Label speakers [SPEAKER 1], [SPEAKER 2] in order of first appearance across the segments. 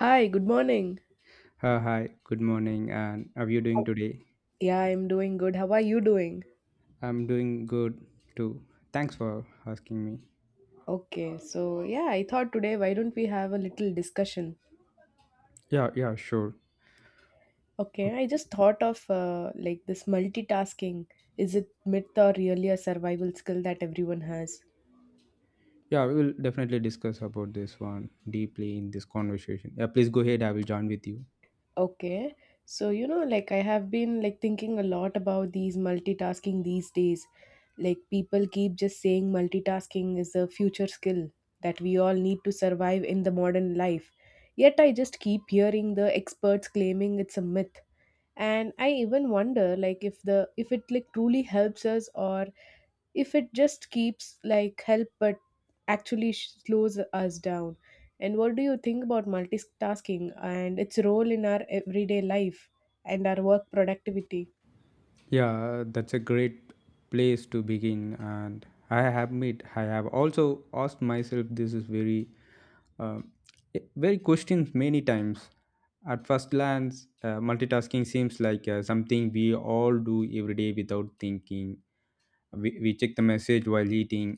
[SPEAKER 1] Hi, good morning.
[SPEAKER 2] Hi, good morning, and how are you doing today?
[SPEAKER 1] Yeah, I'm doing good. How are you doing?
[SPEAKER 2] I'm doing good too. Thanks for asking me.
[SPEAKER 1] Okay, so yeah, I thought today why don't we have a little discussion?
[SPEAKER 2] Yeah, yeah, sure.
[SPEAKER 1] Okay, I
[SPEAKER 2] Okay.
[SPEAKER 1] just thought of like this multitasking. Is it myth or really a survival skill that everyone has?
[SPEAKER 2] Yeah, we will definitely discuss about this one deeply in this conversation. Yeah, please go ahead. I will join with you.
[SPEAKER 1] Okay. So, you know, like I have been like thinking a lot about these multitasking these days. Like people keep just saying multitasking is a future skill that we all need to survive in the modern life. Yet I just keep hearing the experts claiming it's a myth. And I even wonder like if it like truly helps us or if it just keeps like help but actually slows us down, and what do you think about multitasking and its role in our everyday life and our work productivity?
[SPEAKER 2] Yeah, that's a great place to begin, and I admit I have also asked myself this is very uh, very questioned many times. At first glance, multitasking seems like something we all do every day without thinking. We check the message while eating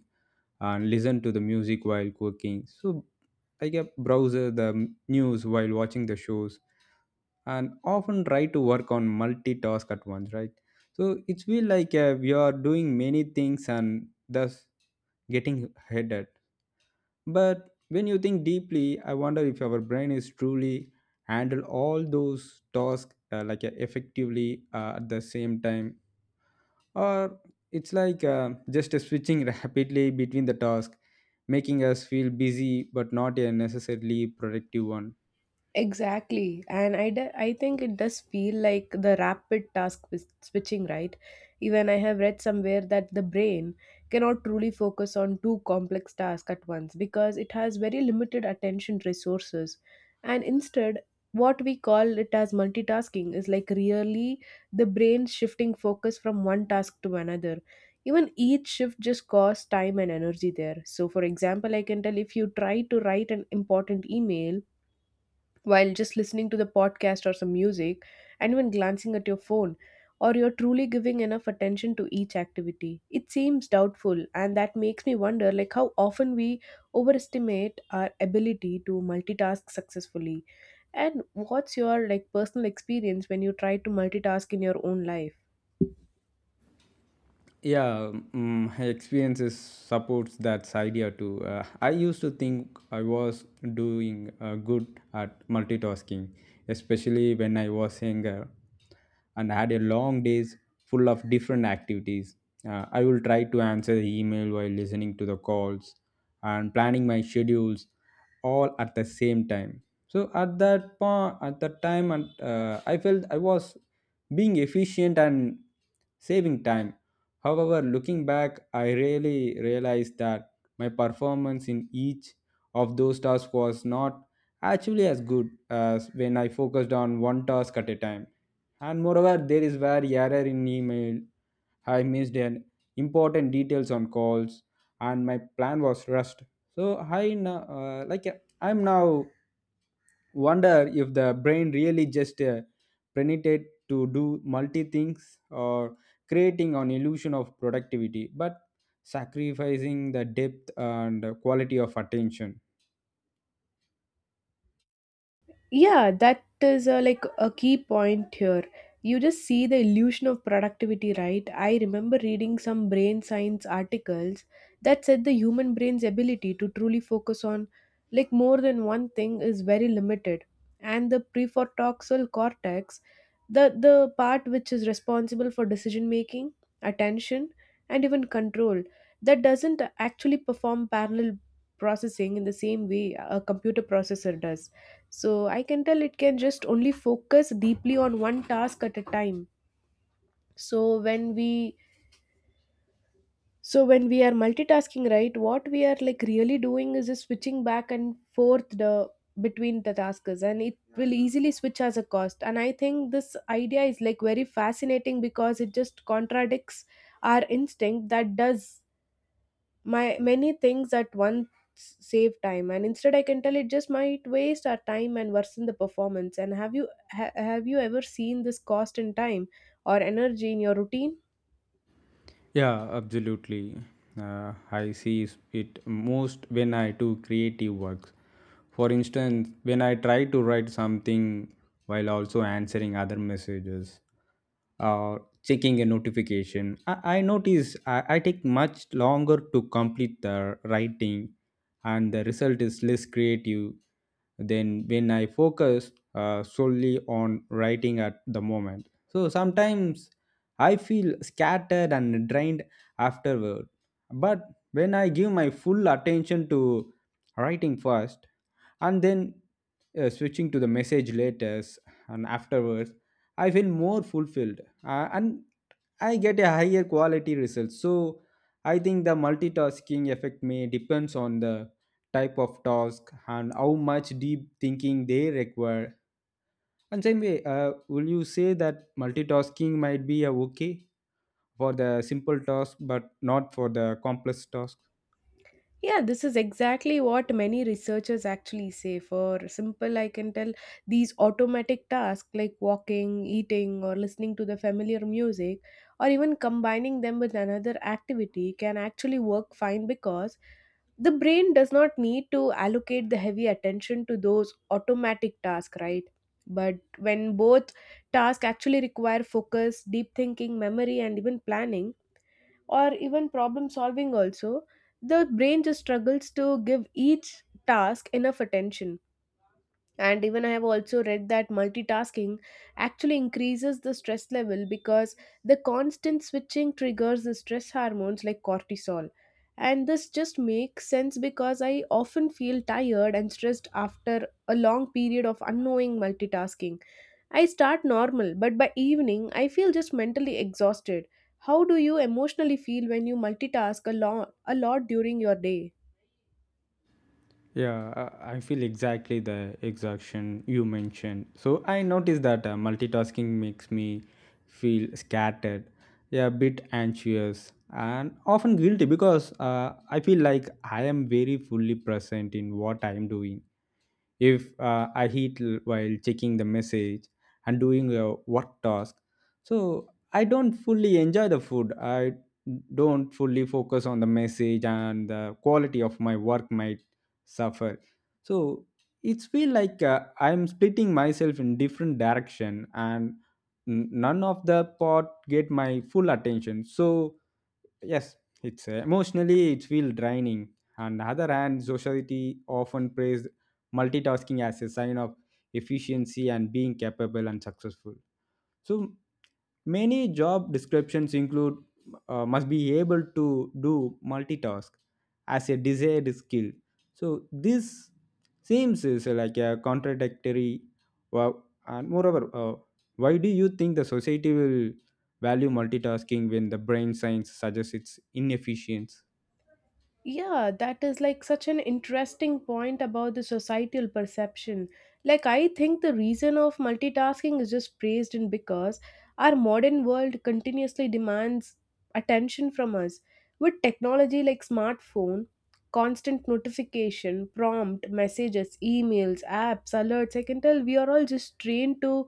[SPEAKER 2] and listen to the music while cooking. So, like a browser the news while watching the shows and often try to work on multitask at once, right? So, it's feel like we are doing many things and thus getting headed. But when you think deeply, I wonder if our brain is truly handle all those tasks effectively at the same time, or it's like just a switching rapidly between the tasks, making us feel busy but not a necessarily productive one.
[SPEAKER 1] Exactly. And I think it does feel like the rapid task switching, right? Even I have read somewhere that the brain cannot truly focus on two complex tasks at once because it has very limited attention resources. And instead, what we call it as multitasking is like really the brain shifting focus from one task to another. Even each shift just costs time and energy there. So, for example, I can tell if you try to write an important email while just listening to the podcast or some music and even glancing at your phone, or you're truly giving enough attention to each activity, it seems doubtful, and that makes me wonder like how often we overestimate our ability to multitask successfully, and what's your like personal experience when you try to multitask in your own life?
[SPEAKER 2] Yeah, mm, experiences supports that idea too. I used to think I was doing good at multitasking, especially when I was younger and had a long days full of different activities. I will try to answer the email while listening to the calls and planning my schedules all at the same time. So at that point, at that time, and I felt I was being efficient and saving time. However, looking back, I really realized that my performance in each of those tasks was not actually as good as when I focused on one task at a time. And moreover, there is where error in email, I missed an important details on calls, and my plan was rushed. So I now, uh, like I'm now wonder if the brain really just penetrated to do multi things or creating an illusion of productivity but sacrificing the depth and quality of attention.
[SPEAKER 1] Yeah, that is a, like a key point here. You just see the illusion of productivity, right? I remember reading some brain science articles that said the human brain's ability to truly focus on like more than one thing is very limited, and the prefrontal cortex, the part which is responsible for decision making, attention, and even control, that doesn't actually perform parallel processing in the same way a computer processor does. So I can tell it can just only focus deeply on one task at a time. So when we so when we are multitasking, right, what we are like really doing is just switching back and forth the between the tasks, and it will easily switch as a cost. And I think this idea is like very fascinating because it just contradicts our instinct that does my many things at once save time, and instead I can tell it just might waste our time and worsen the performance. And have you ever seen this cost in time or energy in your routine?
[SPEAKER 2] Yeah, absolutely. I see it most when I do creative works. For instance, when I try to write something while also answering other messages or checking a notification, I notice I take much longer to complete the writing and the result is less creative than when I focus solely on writing at the moment. So sometimes I feel scattered and drained afterward. But when I give my full attention to writing first, and then switching to the message later and afterwards, I feel more fulfilled, and I get a higher quality result. So I think the multitasking effect may depends on the type of task and how much deep thinking they require. And same way, will you say that multitasking might be a okay for the simple task but not for the complex task?
[SPEAKER 1] Yeah, this is exactly what many researchers actually say. For simple, I can tell these automatic tasks like walking, eating, or listening to the familiar music, or even combining them with another activity can actually work fine because the brain does not need to allocate the heavy attention to those automatic tasks, right? But when both tasks actually require focus, deep thinking, memory, and even planning, or even problem solving also, the brain just struggles to give each task enough attention. And even I have also read that multitasking actually increases the stress level because the constant switching triggers the stress hormones like cortisol, and this just makes sense because I often feel tired and stressed after a long period of unknowing multitasking. I start normal, but by evening I feel just mentally exhausted. How do you emotionally feel when you multitask a lot during your day?
[SPEAKER 2] Yeah, I feel exactly the exhaustion you mentioned. So I noticed that multitasking makes me feel scattered, yeah, a bit anxious, and often guilty because I feel like I am very fully present in what I am doing. If while checking the message and doing a work task, so I don't fully enjoy the food. I don't fully focus on the message and the quality of my work might suffer. So it's feel like I'm splitting myself in different direction and none of the part get my full attention. So yes, it's emotionally it feel draining. On the other hand, society often praise multitasking as a sign of efficiency and being capable and successful. So many job descriptions include must be able to do multitask as a desired skill. So this seems is like a contradictory. Wow. And moreover, why do you think the society will value multitasking when the brain science suggests it's inefficient?
[SPEAKER 1] Yeah, that is like such an interesting point about the societal perception. Like, I think the reason of multitasking is just praised in because our modern world continuously demands attention from us. With technology like smartphone, constant notification, prompt, messages, emails, apps, alerts, I can tell we are all just trained to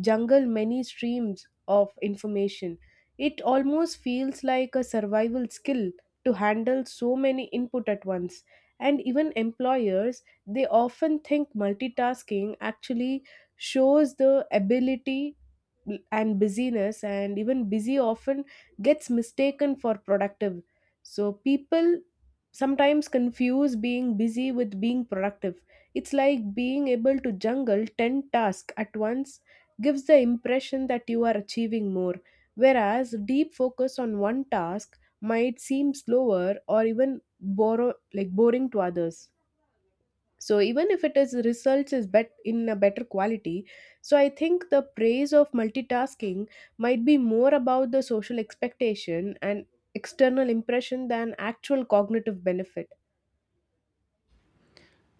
[SPEAKER 1] jungle many streams of information. It almost feels like a survival skill to handle so many input at once, and even employers, they often think multitasking actually shows the ability and busyness, and even busy often gets mistaken for productive. So people sometimes confuse being busy with being productive. It's like being able to juggle 10 tasks at once gives the impression that you are achieving more, whereas deep focus on one task might seem slower or even borrow, like boring to others. So even if it is results is bet in a better quality, so I think the praise of multitasking might be more about the social expectation and external impression than actual cognitive benefit.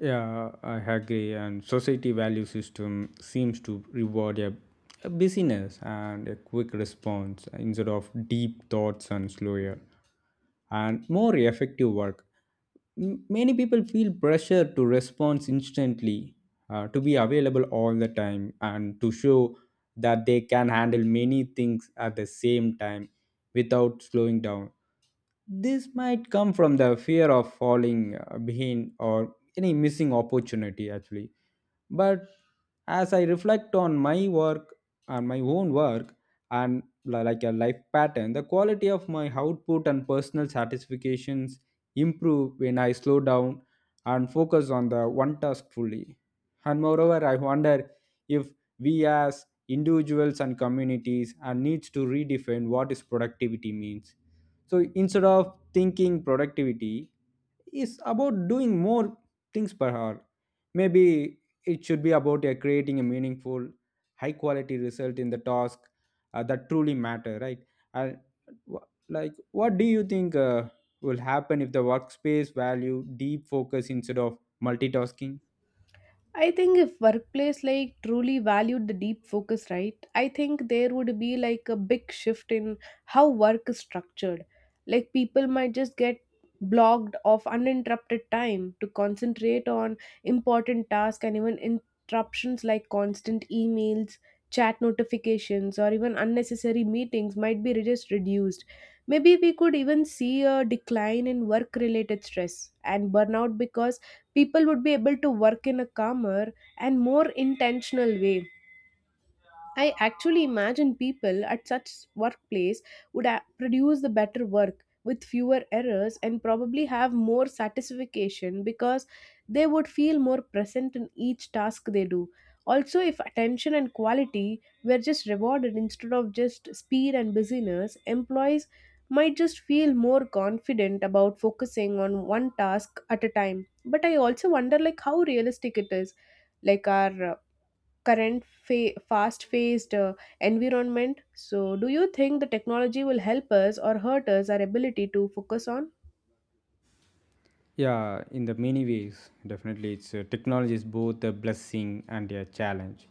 [SPEAKER 2] Yeah, I agree. And society value system seems to reward a busyness and a quick response instead of deep thoughts and slower and more effective work. Many people feel pressure to respond instantly, to be available all the time, and to show that they can handle many things at the same time without slowing down. This might come from the fear of falling behind or any missing opportunity, actually. But as I reflect on my work and my own work and like a life pattern, the quality of my output and personal satisfactions improve when I slow down and focus on the one task fully. And moreover, I wonder if we as individuals and communities are needs to redefine what is productivity means. So instead of thinking productivity is about doing more things per hour, maybe it should be about creating a meaningful high quality result in the task that truly matter, right? And what do you think will happen if the workspace value deep focus instead of multitasking?
[SPEAKER 1] I think if workplace like truly valued the deep focus, right? I think there would be like a big shift in how work is structured. Like people might just get blocked of uninterrupted time to concentrate on important tasks, and even interruptions like constant emails, chat notifications, or even unnecessary meetings might be just reduced. Maybe we could even see a decline in work related stress and burnout because people would be able to work in a calmer and more intentional way. I actually imagine people at such workplace would produce the better work with fewer errors and probably have more satisfaction because they would feel more present in each task they do. Also, if attention and quality were just rewarded instead of just speed and busyness, employees might just feel more confident about focusing on one task at a time. But I also wonder like how realistic it is, like our current fast-paced environment. So, do you think the technology will help us or hurt us our ability to focus on?
[SPEAKER 2] Yeah, in the many ways, definitely, it's technology is both a blessing and a challenge.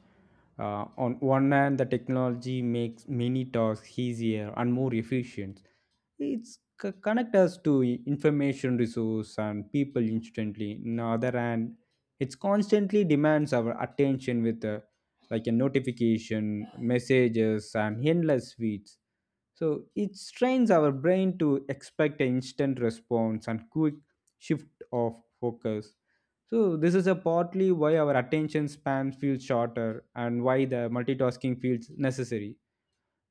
[SPEAKER 2] On one hand, the technology makes many tasks easier and more efficient. It's connect us to information resource and people instantly. On the other hand, it's constantly demands our attention with like a notification, messages, and endless feeds. So it strains our brain to expect an instant response and quick shift of focus. So this is a partly why our attention spans feel shorter and why the multitasking feels necessary.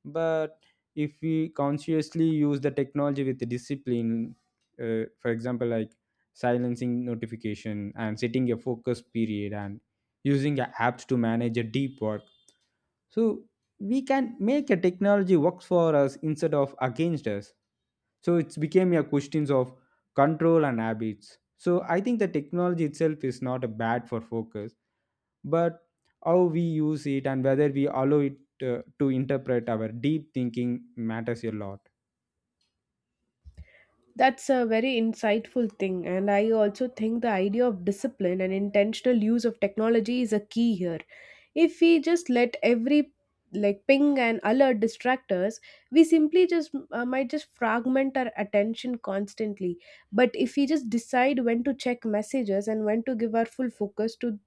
[SPEAKER 2] But if we consciously use the technology with discipline, for example, like silencing notification and setting a focus period and using apps to manage a deep work, so we can make a technology works for us instead of against us. So it's became a questions of control and habits. So I think the technology itself is not a bad for focus, but how we use it and whether we allow it to interpret our deep thinking matters a lot.
[SPEAKER 1] That's a very insightful thing, and I also think the idea of discipline and intentional use of technology is a key here. If we just let every like ping and alert distract us, we simply just might just fragment our attention constantly. But if we just decide when to check messages and when to give our full focus to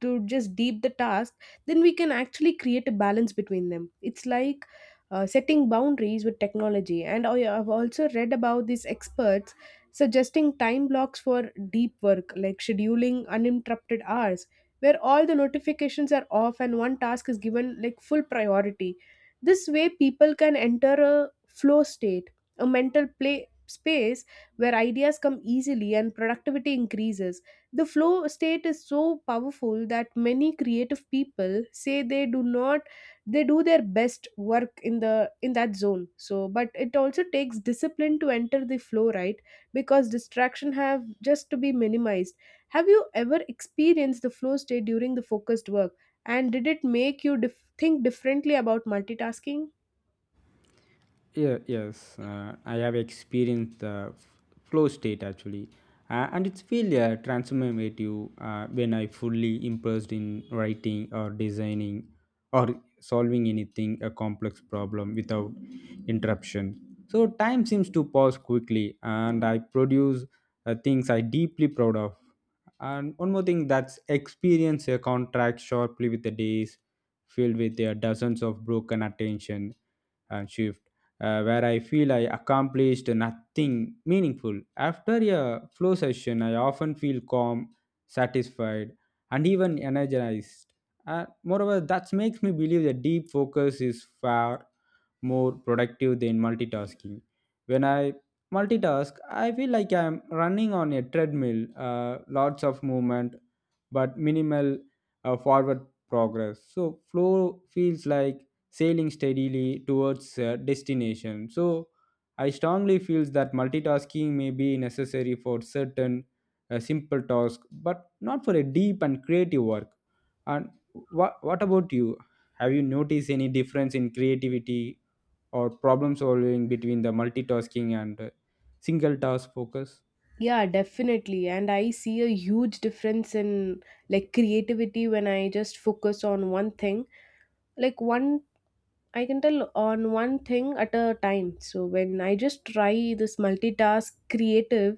[SPEAKER 1] just deep the task, then we can actually create a balance between them. It's like setting boundaries with technology. And I have also read about these experts suggesting time blocks for deep work, like scheduling uninterrupted hours, where all the notifications are off and one task is given like full priority. This way, people can enter a flow state, a mental play space where ideas come easily and productivity increases. The flow state is so powerful that many creative people say they do not, they do their best work in the in that zone. So but it also takes discipline to enter the flow, right, because distraction have just to be minimized. Have you ever experienced the flow state during the focused work, and did it make you think differently about multitasking?
[SPEAKER 2] Yeah, yes, I have experienced the flow state actually, and it's feel transformative when I fully immersed in writing or designing or solving anything a complex problem without interruption. So time seems to pause quickly, and I produce things I deeply proud of. And one more thing, that's experience a contract sharply with the days filled with dozens of broken attention and shift where I feel I accomplished nothing meaningful. After a flow session, I often feel calm, satisfied, and even energized. Moreover, that makes me believe that deep focus is far more productive than multitasking. When I multitask, I feel like I'm running on a treadmill, lots of movement, but minimal forward progress. So, flow feels like sailing steadily towards destination. So I strongly feels that multitasking may be necessary for certain simple tasks, but not for a deep and creative work. And what about you? Have you noticed any difference in creativity or problem solving between the multitasking and single task focus?
[SPEAKER 1] Yeah, definitely, and I see a huge difference in like creativity when I just focus on one thing, like one, I can tell on one thing at a time. So when I just try this multitask creative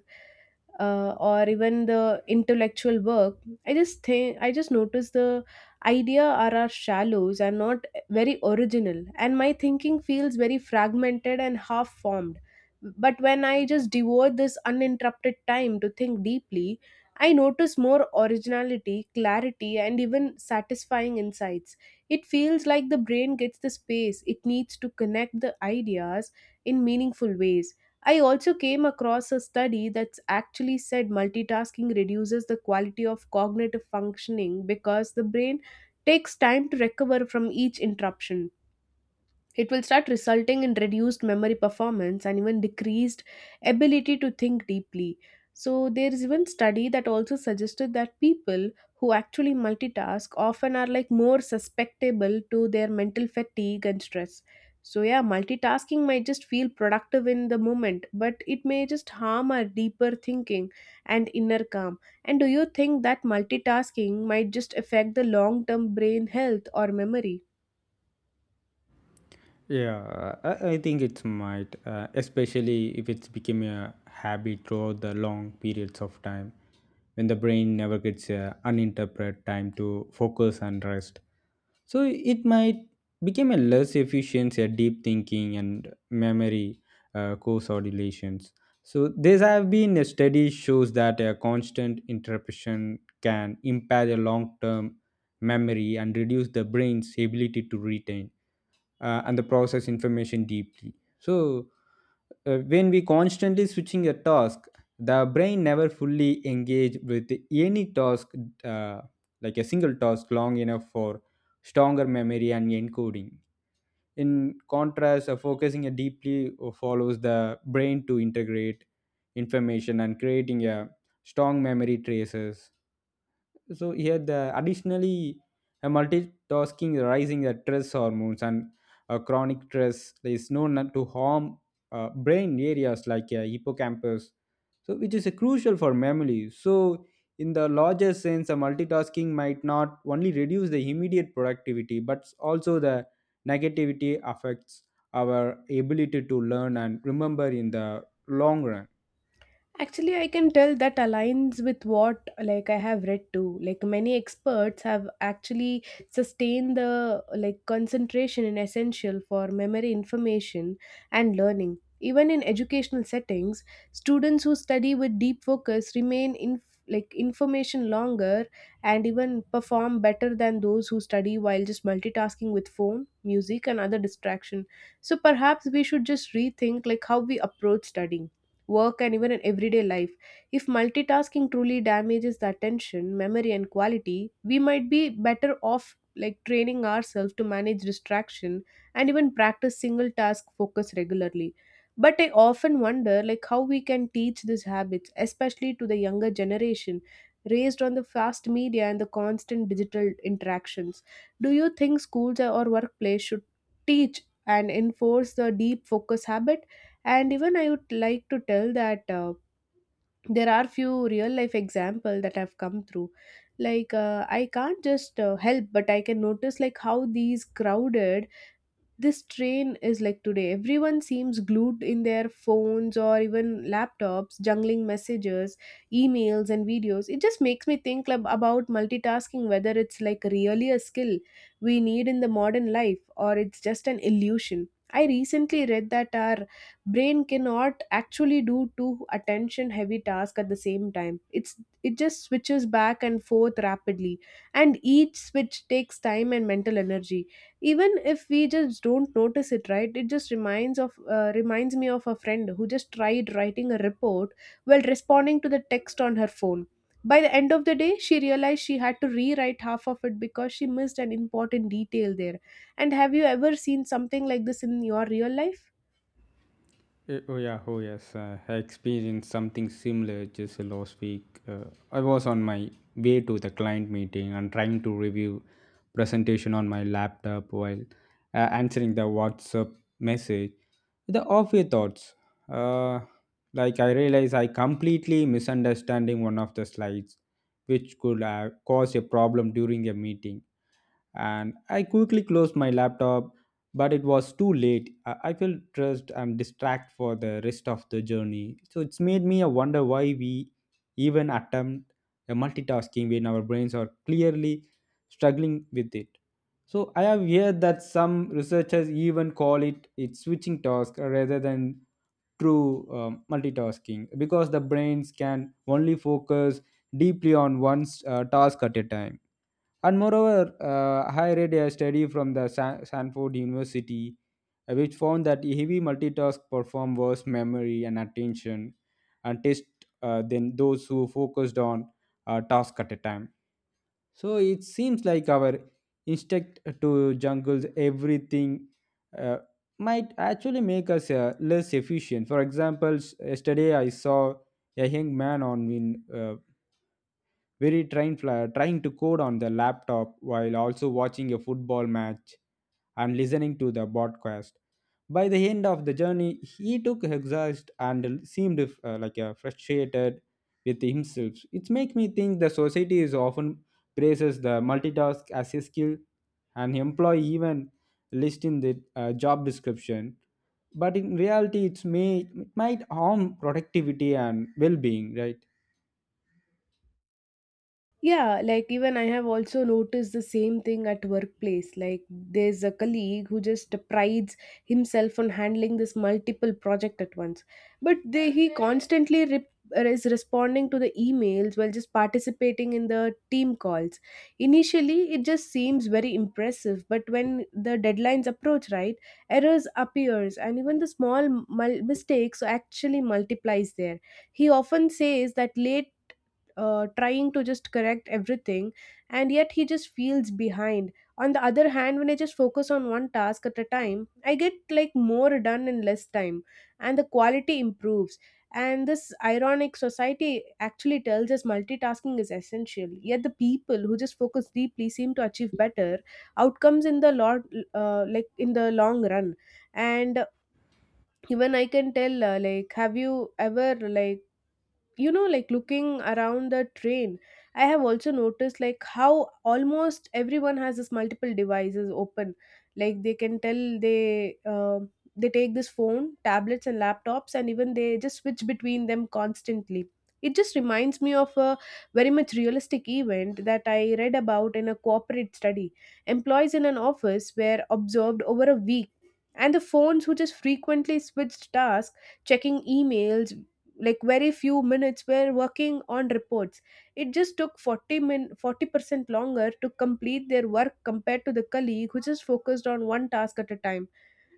[SPEAKER 1] or even the intellectual work, I just notice the idea are our shallows and not very original, and my thinking feels very fragmented and half formed. But when I just devote this uninterrupted time to think deeply, I notice more originality, clarity, and even satisfying insights. It feels like the brain gets the space it needs to connect the ideas in meaningful ways. I also came across a study that's actually said multitasking reduces the quality of cognitive functioning because the brain takes time to recover from each interruption. It will start resulting in reduced memory performance and even decreased ability to think deeply. So there is even study that also suggested that people who actually multitask often are like more susceptible to their mental fatigue and stress. So yeah, multitasking might just feel productive in the moment, but it may just harm our deeper thinking and inner calm. And do you think that multitasking might just affect the long-term brain health or memory?
[SPEAKER 2] Yeah, I think it might, especially if it's become a habit throughout the long periods of time when the brain never gets uninterrupted time to focus and rest. So it might become a less efficient, a deep thinking and memory co coordinations. So there have been a study shows that a constant interruption can impair the long-term memory and reduce the brain's ability to retain and the process information deeply. So when we constantly switching a task, the brain never fully engage with any task uh, like a single task long enough for stronger memory and encoding. In contrast, focusing a deeply follows the brain to integrate information and creating a strong memory traces. So here the additionally, a multitasking rising the stress hormones, and chronic stress is known not to harm brain areas like hippocampus, so which is crucial for memory. So in the larger sense, a multitasking might not only reduce the immediate productivity but also the negativity affects our ability to learn and remember in the long run.
[SPEAKER 1] Actually, I can tell that aligns with what like I have read too. Like many experts have actually sustained the like concentration in essential for memory information and learning. Even in educational settings, students who study with deep focus remain in like information longer and even perform better than those who study while just multitasking with phone, music, and other distraction. So perhaps we should just rethink like how we approach studying, work, and even in everyday life. If multitasking truly damages the attention, memory, and quality, we might be better off like training ourselves to manage distraction and even practice single task focus regularly. But I often wonder like how we can teach these habits, especially to the younger generation raised on the fast media and the constant digital interactions. Do you think schools or workplace should teach and enforce the deep focus habit? And even I would like to tell that there are few real life example that I've come through. Like I can't just help, but I can notice like how these crowded this train is like today, everyone seems glued in their phones or even laptops, jungling messages, emails, and videos. It just makes me think about multitasking, whether it's like really a skill we need in the modern life, or it's just an illusion. I recently read that our brain cannot actually do two attention heavy tasks at the same time. It just switches back and forth rapidly, and each switch takes time and mental energy, even if we just don't notice it, right? It just reminds me of a friend who just tried writing a report while responding to the text on her phone. By the end of the day, she realized she had to rewrite half of it because she missed an important detail there. And have you ever seen something like this in your real life?
[SPEAKER 2] Eh, oh yeah, oh yes. I experienced something similar just last week. I was on my way to the client meeting and trying to review presentation on my laptop while answering the WhatsApp message. The awful thoughts. Uh, like I realized I completely misunderstanding one of the slides, which could cause a problem during a meeting. And I quickly closed my laptop, but it was too late. I felt stressed and distracted for the rest of the journey. So it's made me a wonder why we even attempt a multitasking when our brains are clearly struggling with it. So I have heard that some researchers even call it switching task rather than true multitasking because the brains can only focus deeply on one task at a time. And moreover, I read a study from the Sanford University, which found that heavy multitask perform worse memory and attention and test, than those who focused on a task at a time. So it seems like our instinct to jungle everything uh, might actually make us less efficient. For example, yesterday I saw a young man on in very trying, trying to code on the laptop while also watching a football match and listening to the podcast. By the end of the journey, he took exhaust and seemed frustrated with himself. It makes me think the society is often praises the multitask as a skill and employee even list in the job description. But in reality, it might harm productivity and well-being, right?
[SPEAKER 1] Yeah, like even I have also noticed the same thing at workplace. Like there's a colleague who just prides himself on handling this multiple project at once, but he constantly is responding to the emails while just participating in the team calls. Initially, it just seems very impressive, but when the deadlines approach, right, errors appears, and even the small mistakes actually multiplies there. He often says that late, trying to just correct everything, and yet he just feels behind. On the other hand, when I just focus on one task at a time, I get like more done in less time, and the quality improves. And this ironic society actually tells us multitasking is essential, yet the people who just focus deeply seem to achieve better outcomes in the lot, like in the long run. And even I can tell, like, have you ever like, you know, like looking around the train, I have also noticed like how almost everyone has this multiple devices open. Like they can tell, they take this phone, tablets, and laptops, and even they just switch between them constantly. It just reminds me of a very much realistic event that I read about in a corporate study. Employees in an office were observed over a week, and the phones who just frequently switched tasks, checking emails like very few minutes, were working on reports. It just took 40% longer to complete their work compared to the colleague who just focused on one task at a time.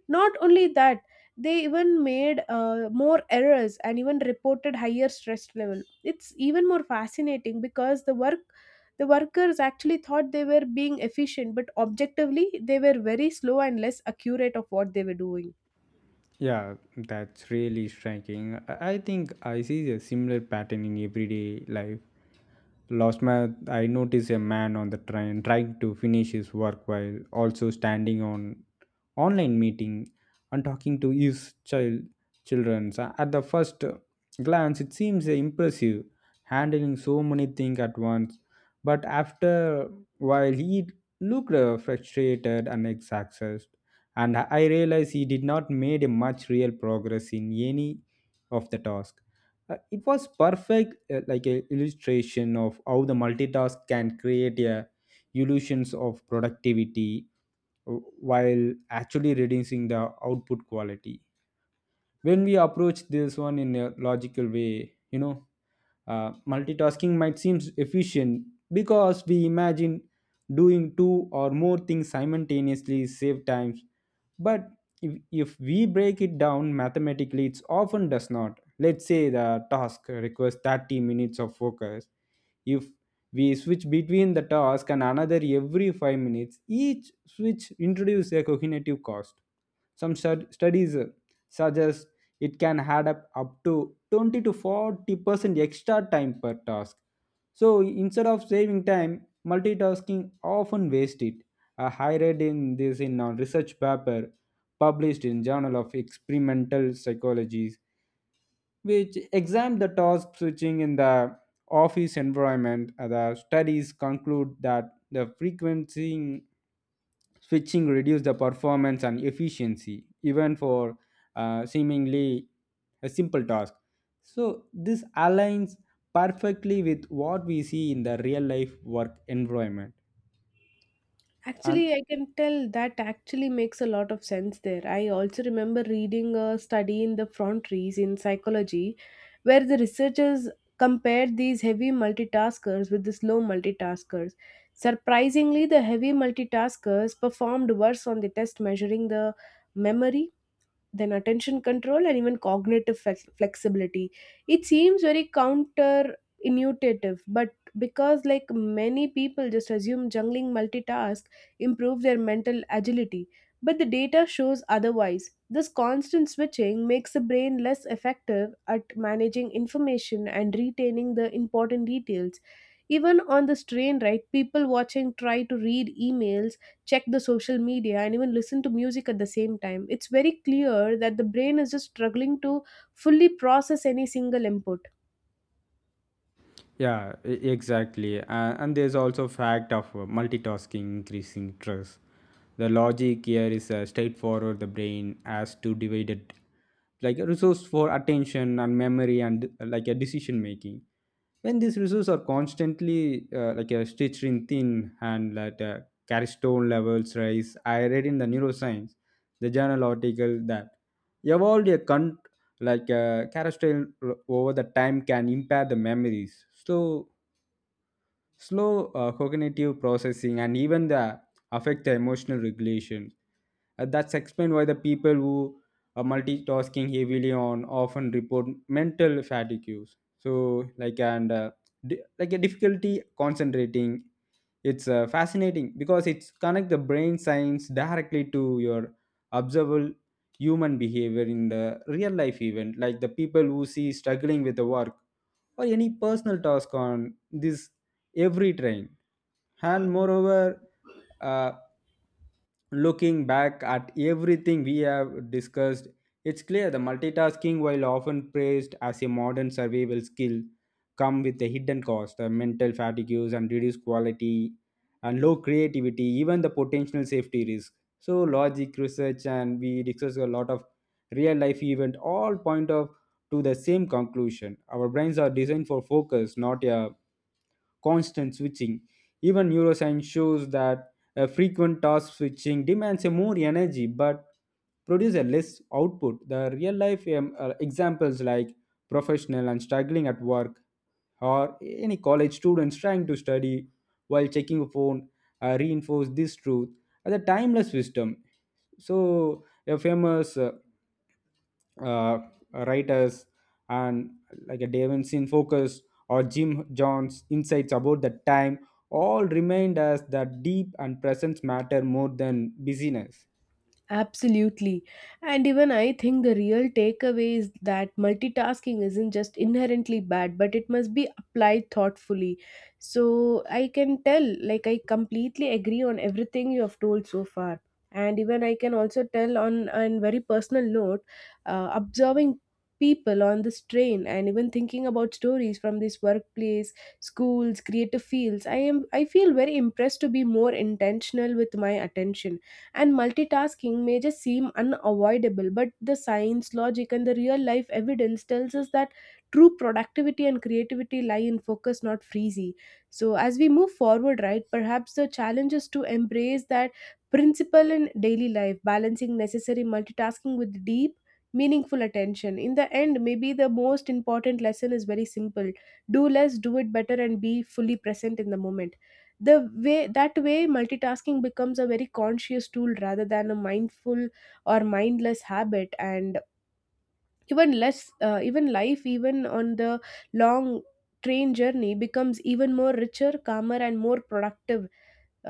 [SPEAKER 1] Not only that, they even made more errors and even reported higher stress level. It's even more fascinating because the workers actually thought they were being efficient, but objectively they were very slow and less accurate of what they were doing.
[SPEAKER 2] Yeah, that's really striking. I think I see a similar pattern in everyday life. Last month, I noticed a man on the train trying to finish his work while also standing on online meeting and talking to his children. So at the first glance, it seems impressive, handling so many things at once. But after while, he looked frustrated and exhausted, and I realized he did not made a much real progress in any of the task. It was perfect like a illustration of how the multitask can create a illusions of productivity uh, while actually reducing the output quality. When we approach this one in a logical way, you know, multitasking might seem efficient because we imagine doing two or more things simultaneously save time. But if we break it down mathematically, it often does not. Let's say the task requires 30 minutes of focus. If we switch between the task and another every 5 minutes, each switch introduces a cognitive cost. Some studies suggest it can up to 20 to 40% extra time per task. So instead of saving time, multitasking often wastes it. I read in this in a research paper published in Journal of Experimental Psychologies, which examined the task switching in the office environment. The studies conclude that the frequency switching reduce the performance and efficiency even for seemingly a simple task. So this aligns perfectly with what we see in the real life work environment. And
[SPEAKER 1] Actually, I can tell that actually makes a lot of sense there. I also remember reading a study in the Frontiers in Psychology, where the researchers compared these heavy multitaskers with the slow multitaskers. Surprisingly, the heavy multitaskers performed worse on the test measuring the memory, then attention control, and even cognitive flexibility. It seems very counterintuitive, but because like many people just assume juggling multitask improve their mental agility, but the data shows otherwise. This constant switching makes the brain less effective at managing information and retaining the important details. Even on this train ride, people watching try to read emails, check the social media, and even listen to music at the same time. It's very clear that the brain is just struggling to fully process any single input.
[SPEAKER 2] yeah, exactly. And there's also fact of multitasking increasing stress. The logic here is straightforward. The brain has to divide it like a resource for attention and memory and like a decision making. When these resources are constantly like a stitched in thin and cortisol levels rise, I read in the neuroscience, the journal article that evolved a carousel over the time can impair the memories, so slow cognitive processing and even the affect the emotional regulation. That's explained why the people who are multitasking heavily on often report mental fatigue. So like and uh, like a difficulty concentrating. It's fascinating because it's connect the brain science directly to your observable human behavior in the real life event, like the people who see struggling with the work or any personal task on this every train. And moreover, uh, looking back at everything we have discussed, it's clear the multitasking, while often praised as a modern survival skill, come with a hidden cost, the mental fatigues and reduced quality and low creativity, even the potential safety risk. So logic research and we discuss a lot of real life event all point of to the same conclusion. Our brains are designed for focus, not a constant switching. Even neuroscience shows that a frequent task switching demands a more energy but produce a less output. The real life examples like professional and struggling at work or any college students trying to study while checking a phone reinforce this truth as a timeless wisdom. So a famous uh, writers and like a Davin's Focus or Jim John's insights about the time all remind us that deep and presence matter more than busyness.
[SPEAKER 1] Absolutely. And even I think the real takeaway is that multitasking isn't just inherently bad, but it must be applied thoughtfully. So I can tell, like, I completely agree on everything you have told so far. And even I can also tell on a very personal note, observing people on this train and even thinking about stories from this workplace, schools, creative fields, I feel very impressed to be more intentional with my attention. And multitasking may just seem unavoidable, but the science, logic, and the real life evidence tells us that true productivity and creativity lie in focus, not freezy. So as we move forward, right, perhaps the challenge is to embrace that principle in daily life, balancing necessary multitasking with deep, meaningful attention. In the end, maybe the most important lesson is very simple. Do less, do it better, and be fully present in the moment. The way That way, multitasking becomes a very conscious tool rather than a mindful or mindless habit. And even life, even on the long train journey becomes even more richer, calmer, and more productive.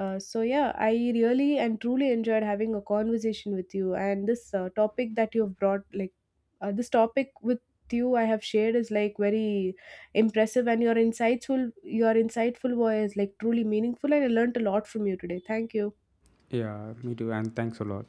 [SPEAKER 1] So yeah, I really and truly enjoyed having a conversation with you, and this topic that you've brought, like, this topic with you I have shared is like very impressive, and your insightful voice, like, truly meaningful, and I learned a lot from you today. Thank you.
[SPEAKER 2] Yeah, me too. And thanks a lot.